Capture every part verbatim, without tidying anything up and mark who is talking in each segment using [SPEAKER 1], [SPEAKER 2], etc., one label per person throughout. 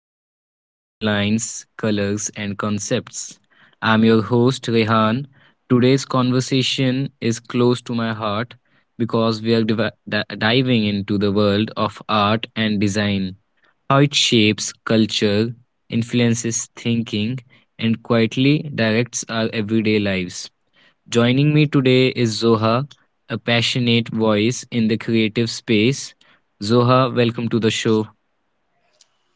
[SPEAKER 1] another episode of Lines, Colors, and Concepts. I'm your host, Rehan. Today's conversation is close to my heart because we are div- di- diving into the world of art and design, how it shapes culture, influences thinking, and quietly directs our everyday lives. Joining me today is Zoha, a passionate voice in the creative space. Zoha, welcome to the show.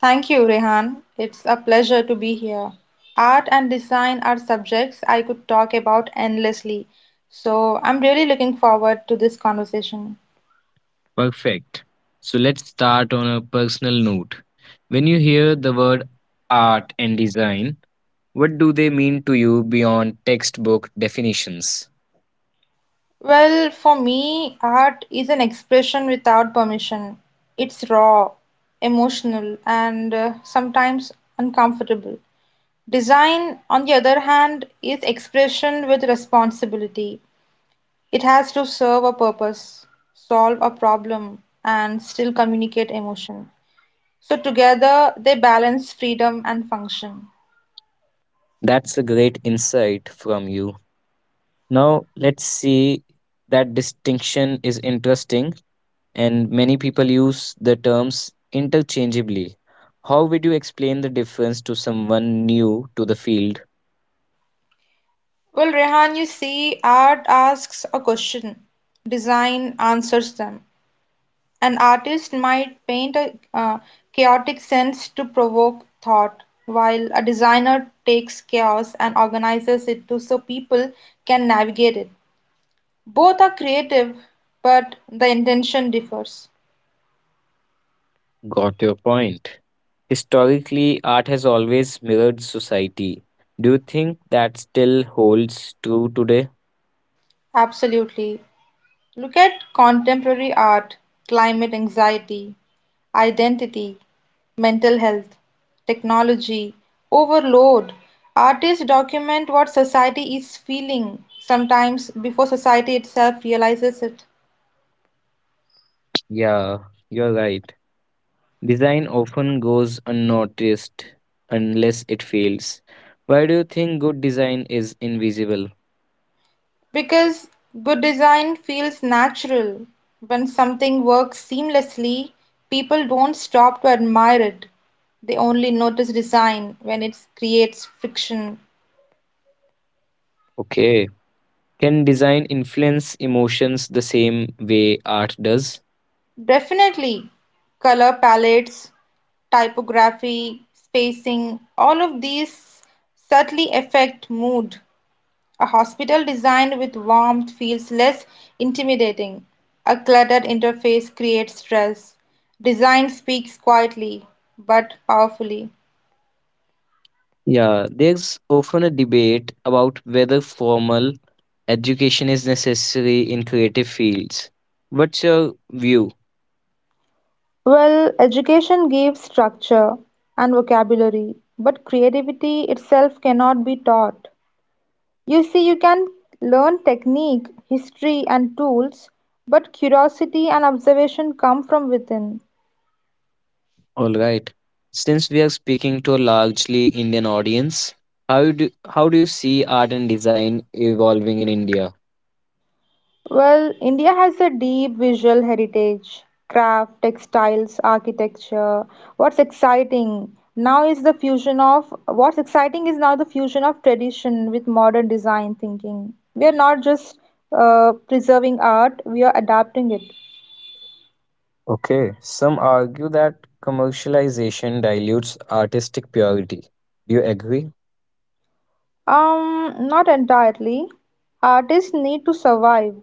[SPEAKER 2] Thank you, Rehan. It's a pleasure to be here. Art and design are subjects I could talk about endlessly, so I'm really looking forward to this conversation.
[SPEAKER 1] Perfect. So let's start on a personal note. When you hear the word art and design, what do they mean to you beyond textbook definitions?
[SPEAKER 2] Well, for me, art is an expression without permission. It's raw, emotional, and uh, sometimes uncomfortable. Design, on the other hand, is expression with responsibility. It has to serve a purpose, solve a problem, and still communicate emotion. So together they balance freedom and function.
[SPEAKER 1] That's a great insight from you. Now, let's see, that distinction is interesting, and many people use the terms interchangeably. How would you explain the difference to someone new to the field?
[SPEAKER 2] Well, Rehan, you see, art asks a question, design answers them. An artist might paint a uh, chaotic sense to provoke thought, while a designer takes chaos and organizes it to so people can navigate it. Both are creative, but the intention differs.
[SPEAKER 1] Got your point. Historically, art has always mirrored society. Do you think that still holds true today?
[SPEAKER 2] Absolutely. Look at contemporary art, climate anxiety, identity, mental health, technology, overload. Artists document what society is feeling, sometimes before society itself realizes it.
[SPEAKER 1] Yeah, you're right. Design often goes unnoticed unless it fails. Why do you think good design is invisible?
[SPEAKER 2] Because good design feels natural. When something works seamlessly, people don't stop to admire it. They only notice design when it creates friction.
[SPEAKER 1] Okay. Can design influence emotions the same way art does?
[SPEAKER 2] Definitely, color palettes, typography, spacing, all of these subtly affect mood. A hospital designed with warmth feels less intimidating. A cluttered interface creates stress. Design speaks quietly but powerfully.
[SPEAKER 1] Yeah, there's often a debate about whether formal education is necessary in creative fields. What's your view?
[SPEAKER 2] Well, education gives structure and vocabulary, but creativity itself cannot be taught. You see you can learn technique, history and tools, but curiosity and observation come from within.
[SPEAKER 1] All right. Since we are speaking to a largely Indian audience, how do how do you see art and design evolving in India?
[SPEAKER 2] Well, India has a deep visual heritage, craft, textiles, architecture. What's exciting now is the fusion of what's exciting is now the fusion of tradition with modern design thinking. We are not just uh, preserving art, we are adapting it.
[SPEAKER 1] Okay, some argue that commercialization dilutes artistic purity. Do you agree?
[SPEAKER 2] Um, not entirely. Artists need to survive.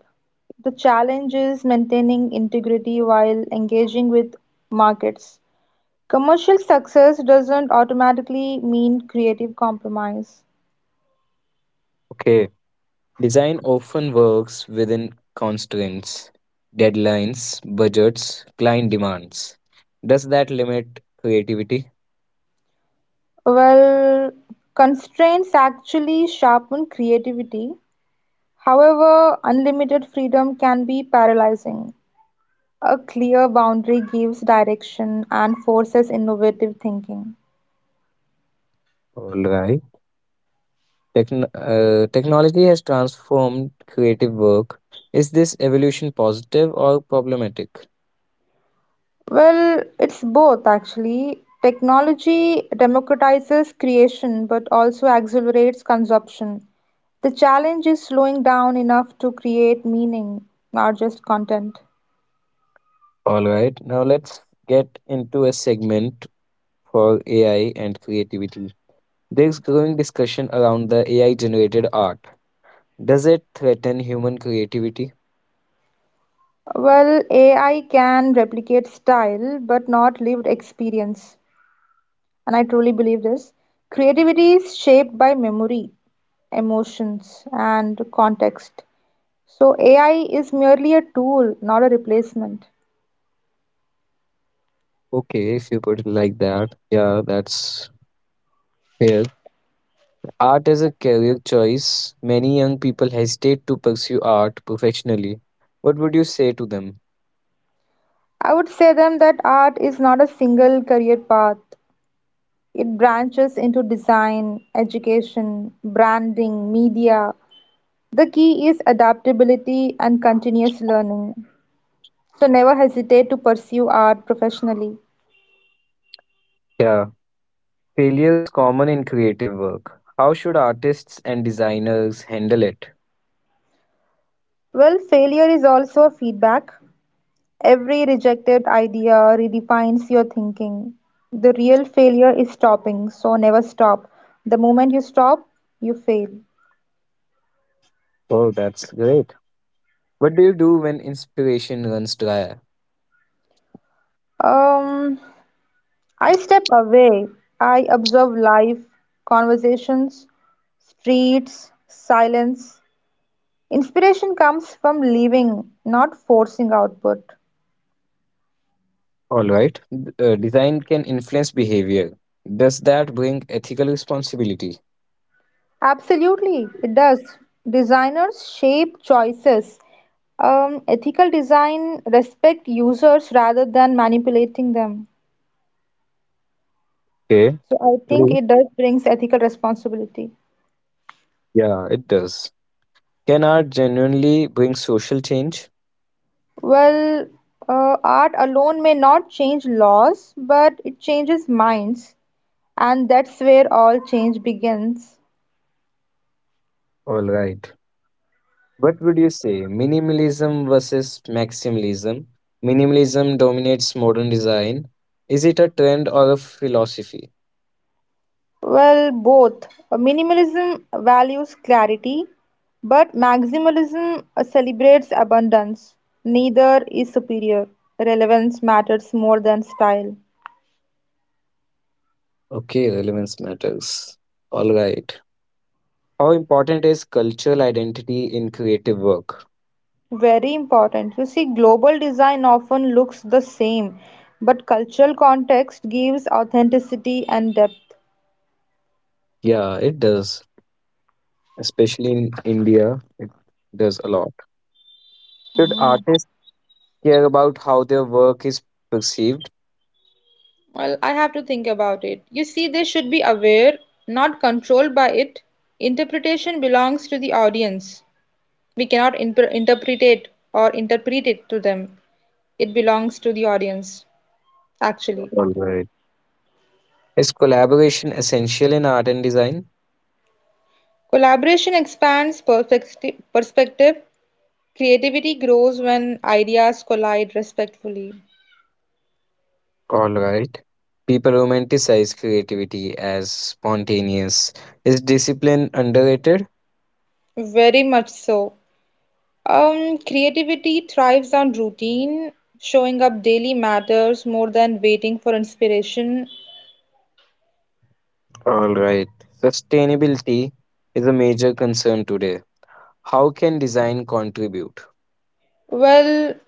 [SPEAKER 2] The challenge is maintaining integrity while engaging with markets. Commercial success doesn't automatically mean creative compromise.
[SPEAKER 1] Okay, design often works within constraints, deadlines, budgets, client demands. Does that limit creativity?
[SPEAKER 2] Well, constraints actually sharpen creativity. However, unlimited freedom can be paralyzing. A clear boundary gives direction and forces innovative thinking.
[SPEAKER 1] All right. Techn- uh, technology has transformed creative work. Is this evolution positive or problematic?
[SPEAKER 2] Well, it's both actually. Technology democratizes creation but also accelerates consumption. The challenge is slowing down enough to create meaning, not just content.
[SPEAKER 1] All right, now let's get into a segment for A I and creativity. There's growing discussion around the A I generated art. Does it threaten human creativity?
[SPEAKER 2] Well, A I can replicate style but not lived experience. And I truly believe this. Creativity is shaped by memory, emotions, and context. So, A I is merely a tool, not a replacement.
[SPEAKER 1] Okay, if you put it like that, yeah, that's fair. Art is a career choice. Many young people hesitate to pursue art professionally. What would you say to them?
[SPEAKER 2] I would say them that art is not a single career path. It branches into design, education, branding, media. The key is adaptability and continuous learning. So never hesitate to pursue art professionally.
[SPEAKER 1] Yeah, failure is common in creative work. How should artists and designers handle it?
[SPEAKER 2] Well, failure is also a feedback. Every rejected idea redefines your thinking. The real failure is stopping, so never stop. The moment you stop, you fail.
[SPEAKER 1] Oh, that's great. What do you do when inspiration runs dry?
[SPEAKER 2] Um, I step away. I observe life, conversations, streets, silence. Inspiration comes from living, not forcing output.
[SPEAKER 1] All right. D- uh, design can influence behavior. Does that bring ethical responsibility?
[SPEAKER 2] Absolutely, it does. Designers shape choices. Um, ethical design respect users rather than manipulating them.
[SPEAKER 1] Okay,
[SPEAKER 2] So I think
[SPEAKER 1] true.
[SPEAKER 2] it does brings ethical responsibility.
[SPEAKER 1] Yeah, it does. Can art genuinely bring social change?
[SPEAKER 2] Well, uh, art alone may not change laws, but it changes minds, and that's where all change begins.
[SPEAKER 1] All right. What would you say? Minimalism versus maximalism? Minimalism dominates modern design. Is it a trend or a philosophy?
[SPEAKER 2] Well, both. Minimalism values clarity, but maximalism uh, celebrates abundance. Neither is superior. Relevance matters more than style.
[SPEAKER 1] Okay, relevance matters. All right. How important is cultural identity in creative work?
[SPEAKER 2] Very important. You see, global design often looks the same, but cultural context gives authenticity and depth.
[SPEAKER 1] Yeah, it does. Especially in India, it does a lot. Should artists care about how their work is perceived?
[SPEAKER 2] Well, I have to think about it. You see, they should be aware, not controlled by it. Interpretation belongs to the audience. We cannot inter interpret it or interpret it to them. It belongs to the audience, actually.
[SPEAKER 1] All right. Is collaboration essential in art and design?
[SPEAKER 2] Collaboration expands perfecti- perspective. Creativity grows when ideas collide respectfully.
[SPEAKER 1] All right. People romanticize creativity as spontaneous. Is discipline underrated?
[SPEAKER 2] Very much so. Um, creativity thrives on routine. Showing up daily matters more than waiting for inspiration.
[SPEAKER 1] All right. Sustainability is a major concern today. How can design contribute?
[SPEAKER 2] Well,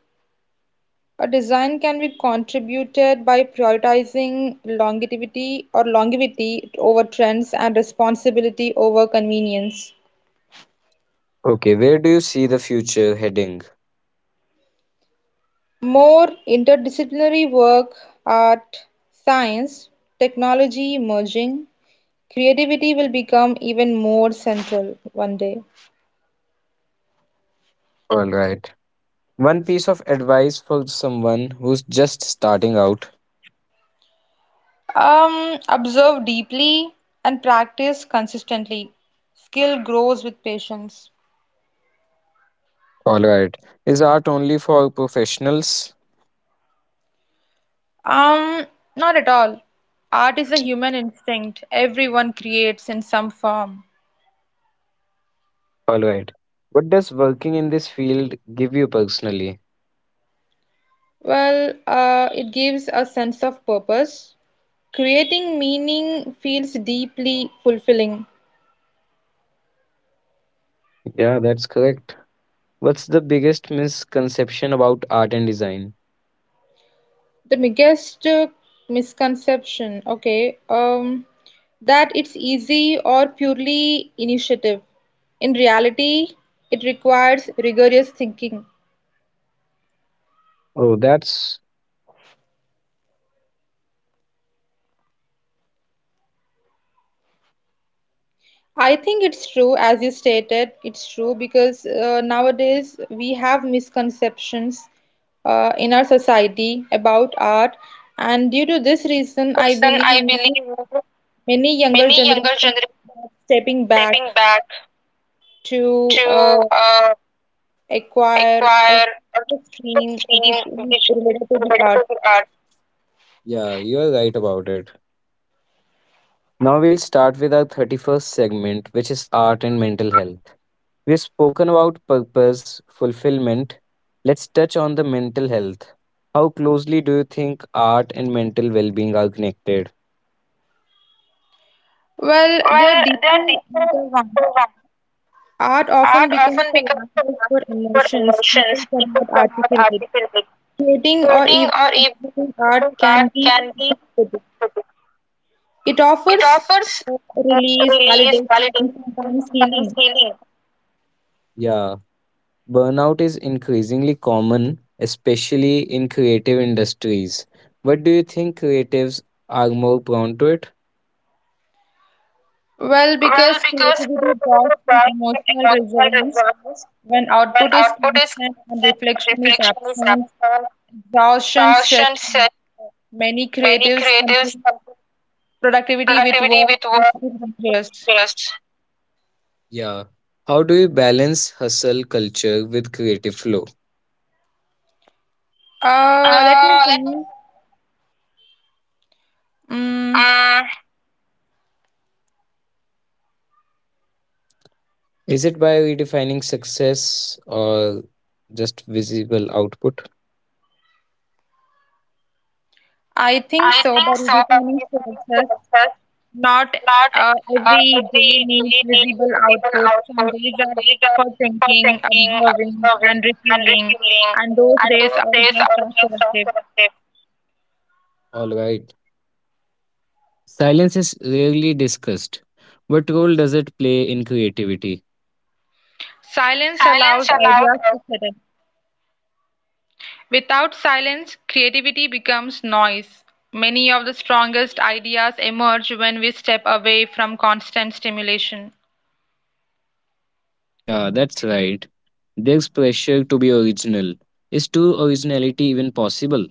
[SPEAKER 2] a design can be contributed by prioritizing longevity or longevity over trends and responsibility over convenience.
[SPEAKER 1] Okay, where do you see the future heading?
[SPEAKER 2] More interdisciplinary work, art, science, technology merging, creativity will become even more central one day.
[SPEAKER 1] All right. One piece of advice for someone who's just starting out.
[SPEAKER 2] Um, observe deeply and practice consistently. Skill grows with patience.
[SPEAKER 1] All right. Is art only for professionals?
[SPEAKER 2] Um, Not at all. Art is a human instinct. Everyone creates in some form.
[SPEAKER 1] All right. What does working in this field give you personally?
[SPEAKER 2] Well, uh, it gives a sense of purpose. Creating meaning feels deeply fulfilling.
[SPEAKER 1] Yeah, that's correct. What's the biggest misconception about art and design?
[SPEAKER 2] The biggest uh, misconception, okay, um, that it's easy or purely initiative. In reality, it requires rigorous thinking.
[SPEAKER 1] Oh, that's
[SPEAKER 2] I think it's true, as you stated, it's true because uh, nowadays we have misconceptions uh, in our society about art, and due to this reason, I
[SPEAKER 1] person,
[SPEAKER 2] believe
[SPEAKER 1] I
[SPEAKER 2] many
[SPEAKER 1] believe
[SPEAKER 2] many younger
[SPEAKER 1] many younger
[SPEAKER 2] generations
[SPEAKER 1] generations
[SPEAKER 2] are stepping back
[SPEAKER 1] stepping back
[SPEAKER 2] to uh,
[SPEAKER 1] to uh,
[SPEAKER 2] acquire or
[SPEAKER 1] acquire
[SPEAKER 2] choose a
[SPEAKER 1] a
[SPEAKER 2] stream
[SPEAKER 1] scene
[SPEAKER 2] which is
[SPEAKER 1] which is
[SPEAKER 2] related to the art.
[SPEAKER 1] beautiful art. Yeah, you are right about it. Now we'll start with our thirty-first segment, which is art and mental health. We've spoken about purpose, fulfillment. Let's touch on the mental health. How closely do you think art and mental well being are connected?
[SPEAKER 2] Well, they are
[SPEAKER 1] Well, they are
[SPEAKER 2] deeply
[SPEAKER 1] deeply
[SPEAKER 2] intertwined.
[SPEAKER 1] intertwined.
[SPEAKER 2] Art often
[SPEAKER 1] Art
[SPEAKER 2] becomes
[SPEAKER 1] often
[SPEAKER 2] a
[SPEAKER 1] becomes a
[SPEAKER 2] language for
[SPEAKER 1] language for
[SPEAKER 2] emotions people
[SPEAKER 1] emotions people
[SPEAKER 2] cannot
[SPEAKER 1] cannot
[SPEAKER 2] articulate.
[SPEAKER 1] articulate.
[SPEAKER 2] Creating or
[SPEAKER 1] Creating
[SPEAKER 2] even
[SPEAKER 1] or even
[SPEAKER 2] consuming art
[SPEAKER 1] consuming art
[SPEAKER 2] can be
[SPEAKER 1] can be,
[SPEAKER 2] therapeutic. It
[SPEAKER 1] it
[SPEAKER 2] offers
[SPEAKER 1] offers uh,
[SPEAKER 2] release,
[SPEAKER 1] release,
[SPEAKER 2] validation,
[SPEAKER 1] validation,
[SPEAKER 2] and
[SPEAKER 1] and
[SPEAKER 2] sometimes
[SPEAKER 1] sometimes
[SPEAKER 2] healing.
[SPEAKER 1] healing. Yeah, burnout is increasingly common, especially in creative industries. But do you think creatives are more prone to it?
[SPEAKER 2] Well,
[SPEAKER 1] Well,
[SPEAKER 2] because
[SPEAKER 1] because
[SPEAKER 2] creativity draws
[SPEAKER 1] creativity
[SPEAKER 2] from
[SPEAKER 1] thrives on
[SPEAKER 2] emotional
[SPEAKER 1] emotional
[SPEAKER 2] resonance,
[SPEAKER 1] resonance,
[SPEAKER 2] when
[SPEAKER 1] when
[SPEAKER 2] output is
[SPEAKER 1] output is
[SPEAKER 2] constant and
[SPEAKER 1] constant and
[SPEAKER 2] reflection is
[SPEAKER 1] reflection is
[SPEAKER 2] absent,
[SPEAKER 1] absent,
[SPEAKER 2] exhaustion sets
[SPEAKER 1] caution
[SPEAKER 2] in.
[SPEAKER 1] said,
[SPEAKER 2] Many
[SPEAKER 1] many
[SPEAKER 2] creatives
[SPEAKER 1] creatives
[SPEAKER 2] confuse
[SPEAKER 1] confuse
[SPEAKER 2] productivity with
[SPEAKER 1] productivity
[SPEAKER 2] work,
[SPEAKER 1] with
[SPEAKER 2] which is
[SPEAKER 1] work.
[SPEAKER 2] dangerous.
[SPEAKER 1] Yes. Yeah. How do you balance hustle culture with creative flow?
[SPEAKER 2] Uh, let me
[SPEAKER 1] Uh,
[SPEAKER 2] think. Mm,
[SPEAKER 1] uh, Is it by redefining success or just visible output?
[SPEAKER 2] I think
[SPEAKER 1] I
[SPEAKER 2] so, by
[SPEAKER 1] think so, but
[SPEAKER 2] redefining
[SPEAKER 1] it is only
[SPEAKER 2] success.
[SPEAKER 1] process.
[SPEAKER 2] Not
[SPEAKER 1] Not
[SPEAKER 2] uh,
[SPEAKER 1] uh,
[SPEAKER 2] every day
[SPEAKER 1] every
[SPEAKER 2] needs
[SPEAKER 1] day needs
[SPEAKER 2] visible
[SPEAKER 1] visible
[SPEAKER 2] output. Some
[SPEAKER 1] output.
[SPEAKER 2] days
[SPEAKER 1] Some
[SPEAKER 2] are
[SPEAKER 1] days are
[SPEAKER 2] for
[SPEAKER 1] for
[SPEAKER 2] thinking,
[SPEAKER 1] thinking,
[SPEAKER 2] observing,
[SPEAKER 1] observing,
[SPEAKER 2] and
[SPEAKER 1] and
[SPEAKER 2] refueling,
[SPEAKER 1] refueling,
[SPEAKER 2] and those
[SPEAKER 1] and
[SPEAKER 2] days
[SPEAKER 1] those
[SPEAKER 2] are
[SPEAKER 1] days
[SPEAKER 2] just
[SPEAKER 1] are
[SPEAKER 2] as
[SPEAKER 1] just
[SPEAKER 2] productive.
[SPEAKER 1] unproductive. All right. Silence is rarely discussed. What role does it play in creativity?
[SPEAKER 2] Silence allows
[SPEAKER 1] Silence allowed
[SPEAKER 2] ideas to
[SPEAKER 1] us.
[SPEAKER 2] settle. Without silence, creativity becomes noise. Many of the strongest ideas emerge when we step away from constant stimulation.
[SPEAKER 1] Yeah, that's right. There's pressure to be original. Is true originality even possible?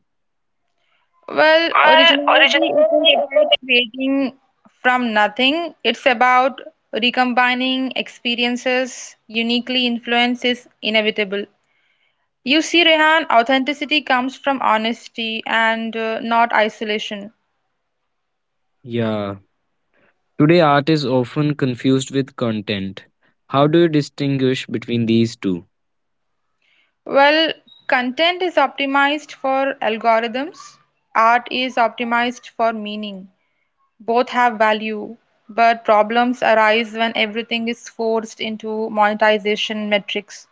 [SPEAKER 2] Well,
[SPEAKER 1] Well,
[SPEAKER 2] originality isn't
[SPEAKER 1] originality
[SPEAKER 2] about
[SPEAKER 1] isn't.
[SPEAKER 2] creating from nothing. It's about recombining experiences uniquely influence is inevitable. You see, Rehan, authenticity comes from honesty and uh, not isolation.
[SPEAKER 1] Yeah. Today, art is often confused with content. How do you distinguish between these two?
[SPEAKER 2] Well, content is optimized for algorithms, art is optimized for meaning. Both have value, but problems arise when everything is forced into monetization metrics.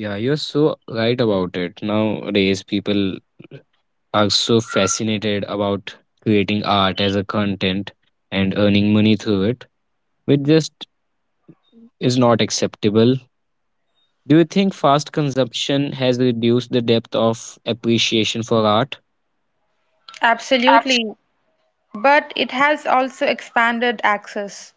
[SPEAKER 1] Yeah, you're so right about it. Nowadays, people are so fascinated about creating art as a content and earning money through it, which just is not acceptable. Do you think fast consumption has reduced the depth of appreciation for art? Abs-
[SPEAKER 2] Absolutely. But it has also expanded access.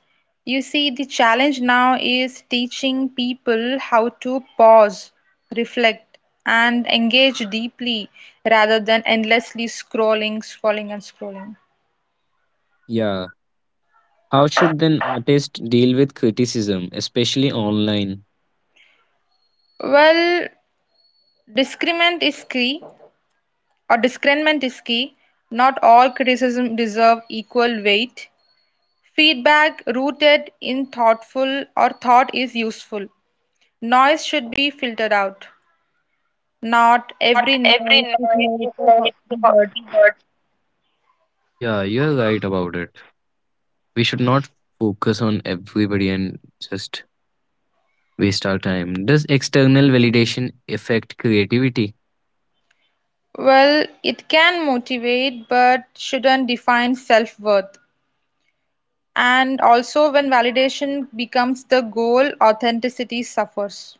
[SPEAKER 2] You see, the challenge now is teaching people how to pause, reflect, and engage deeply rather than endlessly scrolling, scrolling, and scrolling.
[SPEAKER 1] Yeah. How should an artist deal with criticism, especially online?
[SPEAKER 2] Well, discernment is key, or discernment is key. Not all criticism deserve equal weight. Feedback rooted in thoughtful or thought is useful. Noise should be filtered out. Not
[SPEAKER 1] Not
[SPEAKER 2] every
[SPEAKER 1] every
[SPEAKER 2] noise is
[SPEAKER 1] noise
[SPEAKER 2] made
[SPEAKER 1] is
[SPEAKER 2] to h-
[SPEAKER 1] made to
[SPEAKER 2] be heard.
[SPEAKER 1] be heard. Yeah, you're right about it. We should not focus on everybody and just waste our time. Does external validation affect creativity?
[SPEAKER 2] Well, it can motivate but shouldn't define self-worth. And also, when validation becomes the goal, authenticity suffers.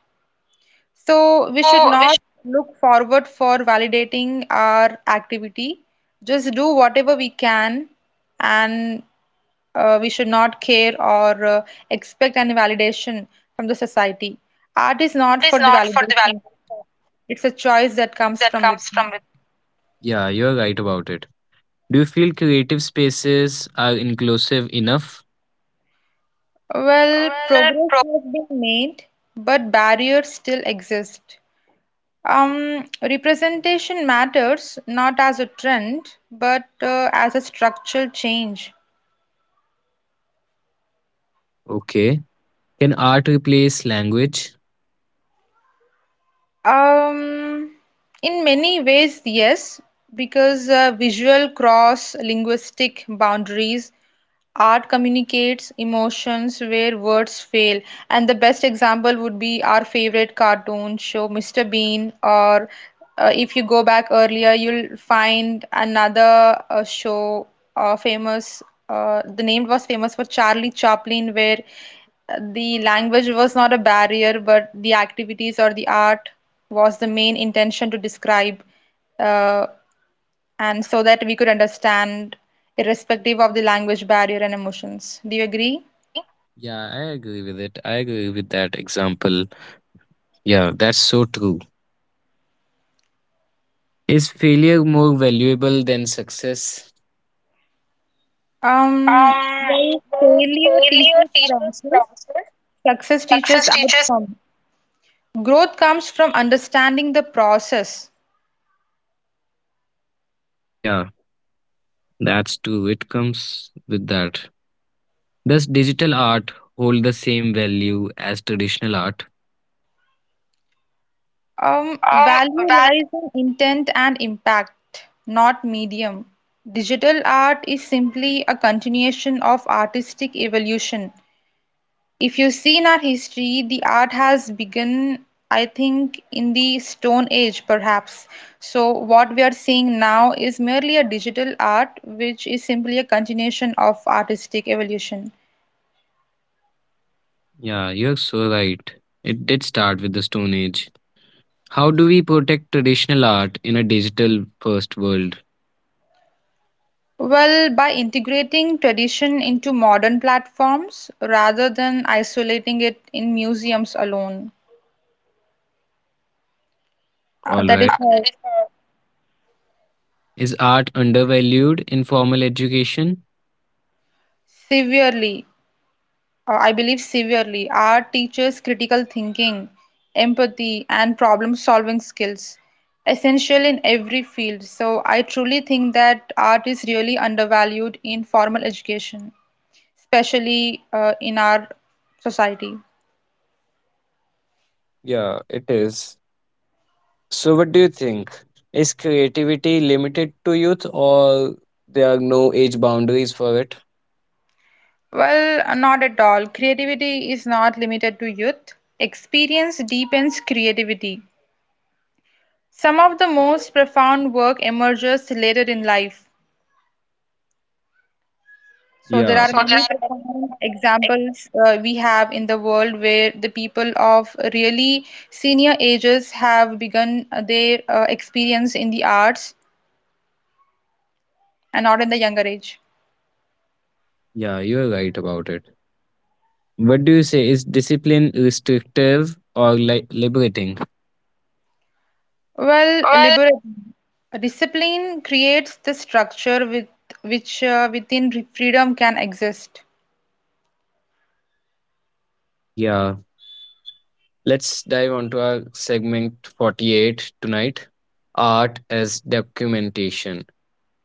[SPEAKER 2] So, we should
[SPEAKER 1] So, which
[SPEAKER 2] not look forward for validating our activity. Just do whatever we can, and uh, we should not care or uh, expect any validation from the society. Art is not
[SPEAKER 1] art is
[SPEAKER 2] for the
[SPEAKER 1] not for the
[SPEAKER 2] validation.
[SPEAKER 1] validation.
[SPEAKER 2] It's a
[SPEAKER 1] It's
[SPEAKER 2] choice
[SPEAKER 1] a
[SPEAKER 2] that
[SPEAKER 1] choice
[SPEAKER 2] comes
[SPEAKER 1] that
[SPEAKER 2] from
[SPEAKER 1] comes from
[SPEAKER 2] within.
[SPEAKER 1] within. Yeah, you're right about it. Do you feel creative spaces are inclusive enough?
[SPEAKER 2] Well, progress
[SPEAKER 1] Well,
[SPEAKER 2] has been made, but barriers still exist. Um, representation matters not as a trend, but uh, as a structural change.
[SPEAKER 1] pro- okay. Can art replace language?
[SPEAKER 2] Um, in many ways, yes, because uh, visual cross linguistic boundaries Art communicates emotions where words fail, and the best example would be our favorite cartoon show, Mister Bean, or uh, if you go back earlier, you'll find another uh, show uh, famous. Uh, the name was famous for Charlie Chaplin, where uh, the language was not a barrier, but the activities or the art was the main intention to describe uh, and so that we could understand irrespective of the language barrier and emotions. Do you
[SPEAKER 1] Do
[SPEAKER 2] agree?
[SPEAKER 1] you agree? Yeah, I agree with it. I agree with that example. Yeah, that's so true. Is failure more valuable than success?
[SPEAKER 2] Um,
[SPEAKER 1] Um,
[SPEAKER 2] well,
[SPEAKER 1] well,
[SPEAKER 2] failure
[SPEAKER 1] failure
[SPEAKER 2] teaches
[SPEAKER 1] teaches
[SPEAKER 2] process,
[SPEAKER 1] process.
[SPEAKER 2] success teaches
[SPEAKER 1] Success teaches.
[SPEAKER 2] outcome. Growth comes from understanding the process.
[SPEAKER 1] Yeah, that's true. It comes with that. Does digital art hold the same value as traditional art?
[SPEAKER 2] Um,
[SPEAKER 1] Um,
[SPEAKER 2] value lies in intent and impact, not medium. Digital art is simply a continuation of artistic evolution. If you see in our history, the art has begun, I think, in the Stone Age, perhaps. So, what we are seeing now is merely a digital art, which is simply a continuation of artistic evolution.
[SPEAKER 1] Yeah, you're so right. It did start with the Stone Age. How do we protect traditional art in a digital first world?
[SPEAKER 2] Well, by integrating tradition into modern platforms rather than isolating it in museums alone. Uh,
[SPEAKER 1] All
[SPEAKER 2] that
[SPEAKER 1] right.
[SPEAKER 2] is
[SPEAKER 1] Uh, that
[SPEAKER 2] how
[SPEAKER 1] is uh, is art undervalued in formal education?
[SPEAKER 2] severely. Uh, I believe severely. Art teaches critical thinking, empathy, and problem solving skills, essential in every field. So, I truly think that art is really undervalued in formal education, especially uh, in our society.
[SPEAKER 1] Yeah, it is. So, what do you think? Is creativity limited to youth, or there are no age boundaries for it?
[SPEAKER 2] Well, not at all. Creativity is not limited to youth. Experience deepens creativity. Some of the most profound work emerges later in life. So there
[SPEAKER 1] Yeah,
[SPEAKER 2] are
[SPEAKER 1] so there
[SPEAKER 2] many
[SPEAKER 1] are many,
[SPEAKER 2] profound examples uh, we have in the world where the people of really senior ages have begun uh, their uh, experience in the arts and not in the younger age.
[SPEAKER 1] yeah, you're right about it. What do you say? Is discipline restrictive or li- liberating?
[SPEAKER 2] Well,
[SPEAKER 1] Well,
[SPEAKER 2] liberalism. Discipline creates the structure with which uh, within re- freedom can exist.
[SPEAKER 1] yeah, let's dive onto our segment forty-eight tonight, art as documentation.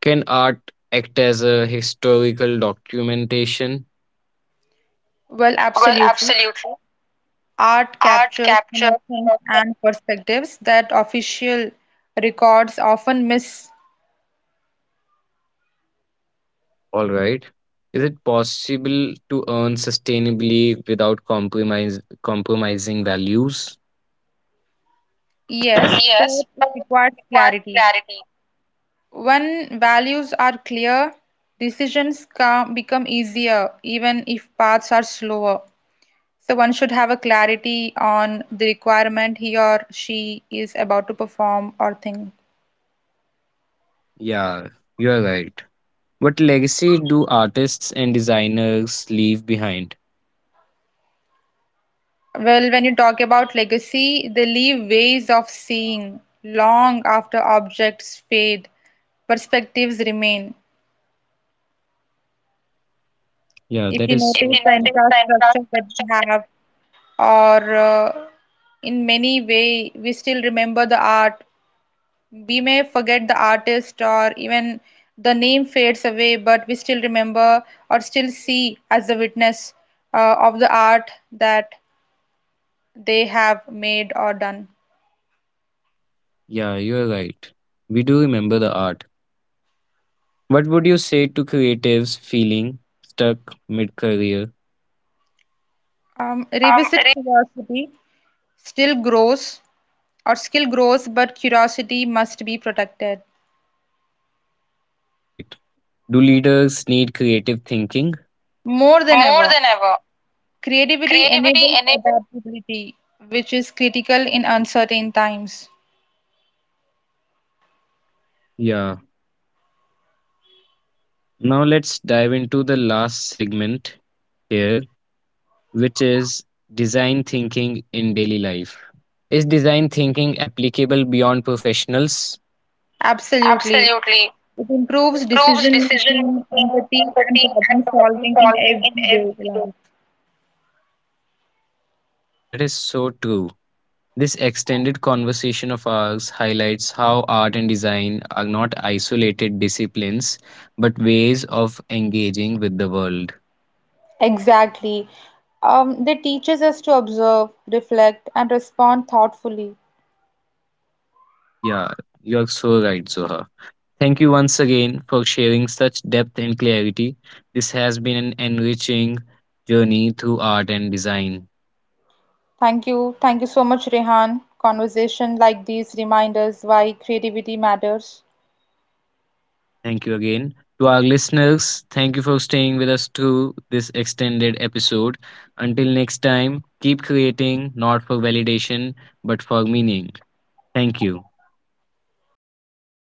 [SPEAKER 1] Can art act as a historical documentation?
[SPEAKER 2] Well,
[SPEAKER 1] Well,
[SPEAKER 2] absolutely.
[SPEAKER 1] absolutely.
[SPEAKER 2] Art
[SPEAKER 1] Art
[SPEAKER 2] captures
[SPEAKER 1] capture in,
[SPEAKER 2] emotions and perspectives that official records often miss.
[SPEAKER 1] all right. Is it possible to earn sustainably without compromise, compromising values?
[SPEAKER 2] Yes, but
[SPEAKER 1] Yes,
[SPEAKER 2] it
[SPEAKER 1] but
[SPEAKER 2] requires
[SPEAKER 1] it requires
[SPEAKER 2] clarity.
[SPEAKER 1] clarity.
[SPEAKER 2] When values are clear, decisions come, become easier, even if paths are slower. So one should have a clarity on the requirement he or she is about to perform or think.
[SPEAKER 1] Yeah, you're right. What legacy do artists and designers leave behind?
[SPEAKER 2] Well, when you talk about legacy, they leave ways of seeing long after objects fade perspectives remain.
[SPEAKER 1] Yeah,
[SPEAKER 2] If
[SPEAKER 1] that
[SPEAKER 2] you
[SPEAKER 1] is, if so you
[SPEAKER 2] notice
[SPEAKER 1] true
[SPEAKER 2] the
[SPEAKER 1] notice the
[SPEAKER 2] infrastructure that we
[SPEAKER 1] infrastructure that,
[SPEAKER 2] have or uh, in many way we still remember the art, we may forget the artist or even the name fades away, but we still remember or still see as a witness uh, of the art that they have made or done.
[SPEAKER 1] yeah, you're right. We do remember the art. What would you say to creatives feeling stuck mid career?
[SPEAKER 2] Um,
[SPEAKER 1] um,
[SPEAKER 2] revisit
[SPEAKER 1] re-
[SPEAKER 2] curiosity. Still grows or skill grows, but curiosity must be protected.
[SPEAKER 1] All right. Do leaders need creative thinking?
[SPEAKER 2] More than
[SPEAKER 1] More
[SPEAKER 2] ever,
[SPEAKER 1] than ever,
[SPEAKER 2] creativity
[SPEAKER 1] creativity
[SPEAKER 2] enables
[SPEAKER 1] enables,
[SPEAKER 2] adaptability, which is critical in uncertain times.
[SPEAKER 1] yeah. Now let's dive into the last segment here, which is design thinking in daily life. Is design thinking applicable beyond professionals?
[SPEAKER 2] Absolutely.
[SPEAKER 1] Absolutely.
[SPEAKER 2] It
[SPEAKER 1] It
[SPEAKER 2] improves
[SPEAKER 1] improves
[SPEAKER 2] decision
[SPEAKER 1] decision
[SPEAKER 2] making,
[SPEAKER 1] making,
[SPEAKER 2] empathy, and
[SPEAKER 1] empathy,
[SPEAKER 2] problem
[SPEAKER 1] and problem
[SPEAKER 2] solving in
[SPEAKER 1] solving in
[SPEAKER 2] everyday
[SPEAKER 1] every day.
[SPEAKER 2] life.
[SPEAKER 1] Yeah, that is so true. This extended conversation of ours highlights how art and design are not isolated disciplines, but ways of engaging with the world.
[SPEAKER 2] Exactly. Um, they teaches us to observe, reflect, and respond thoughtfully.
[SPEAKER 1] Yeah, you're so right, Zoha. Thank you once again for sharing such depth and clarity. This has been an enriching journey through art and design.
[SPEAKER 2] Thank you. Thank you so much, Rehan. Conversation like these remind us why creativity matters.
[SPEAKER 1] Thank you again. To our listeners, thank you for staying with us through this extended episode. Until next time, keep creating not for validation, but for meaning. Thank you.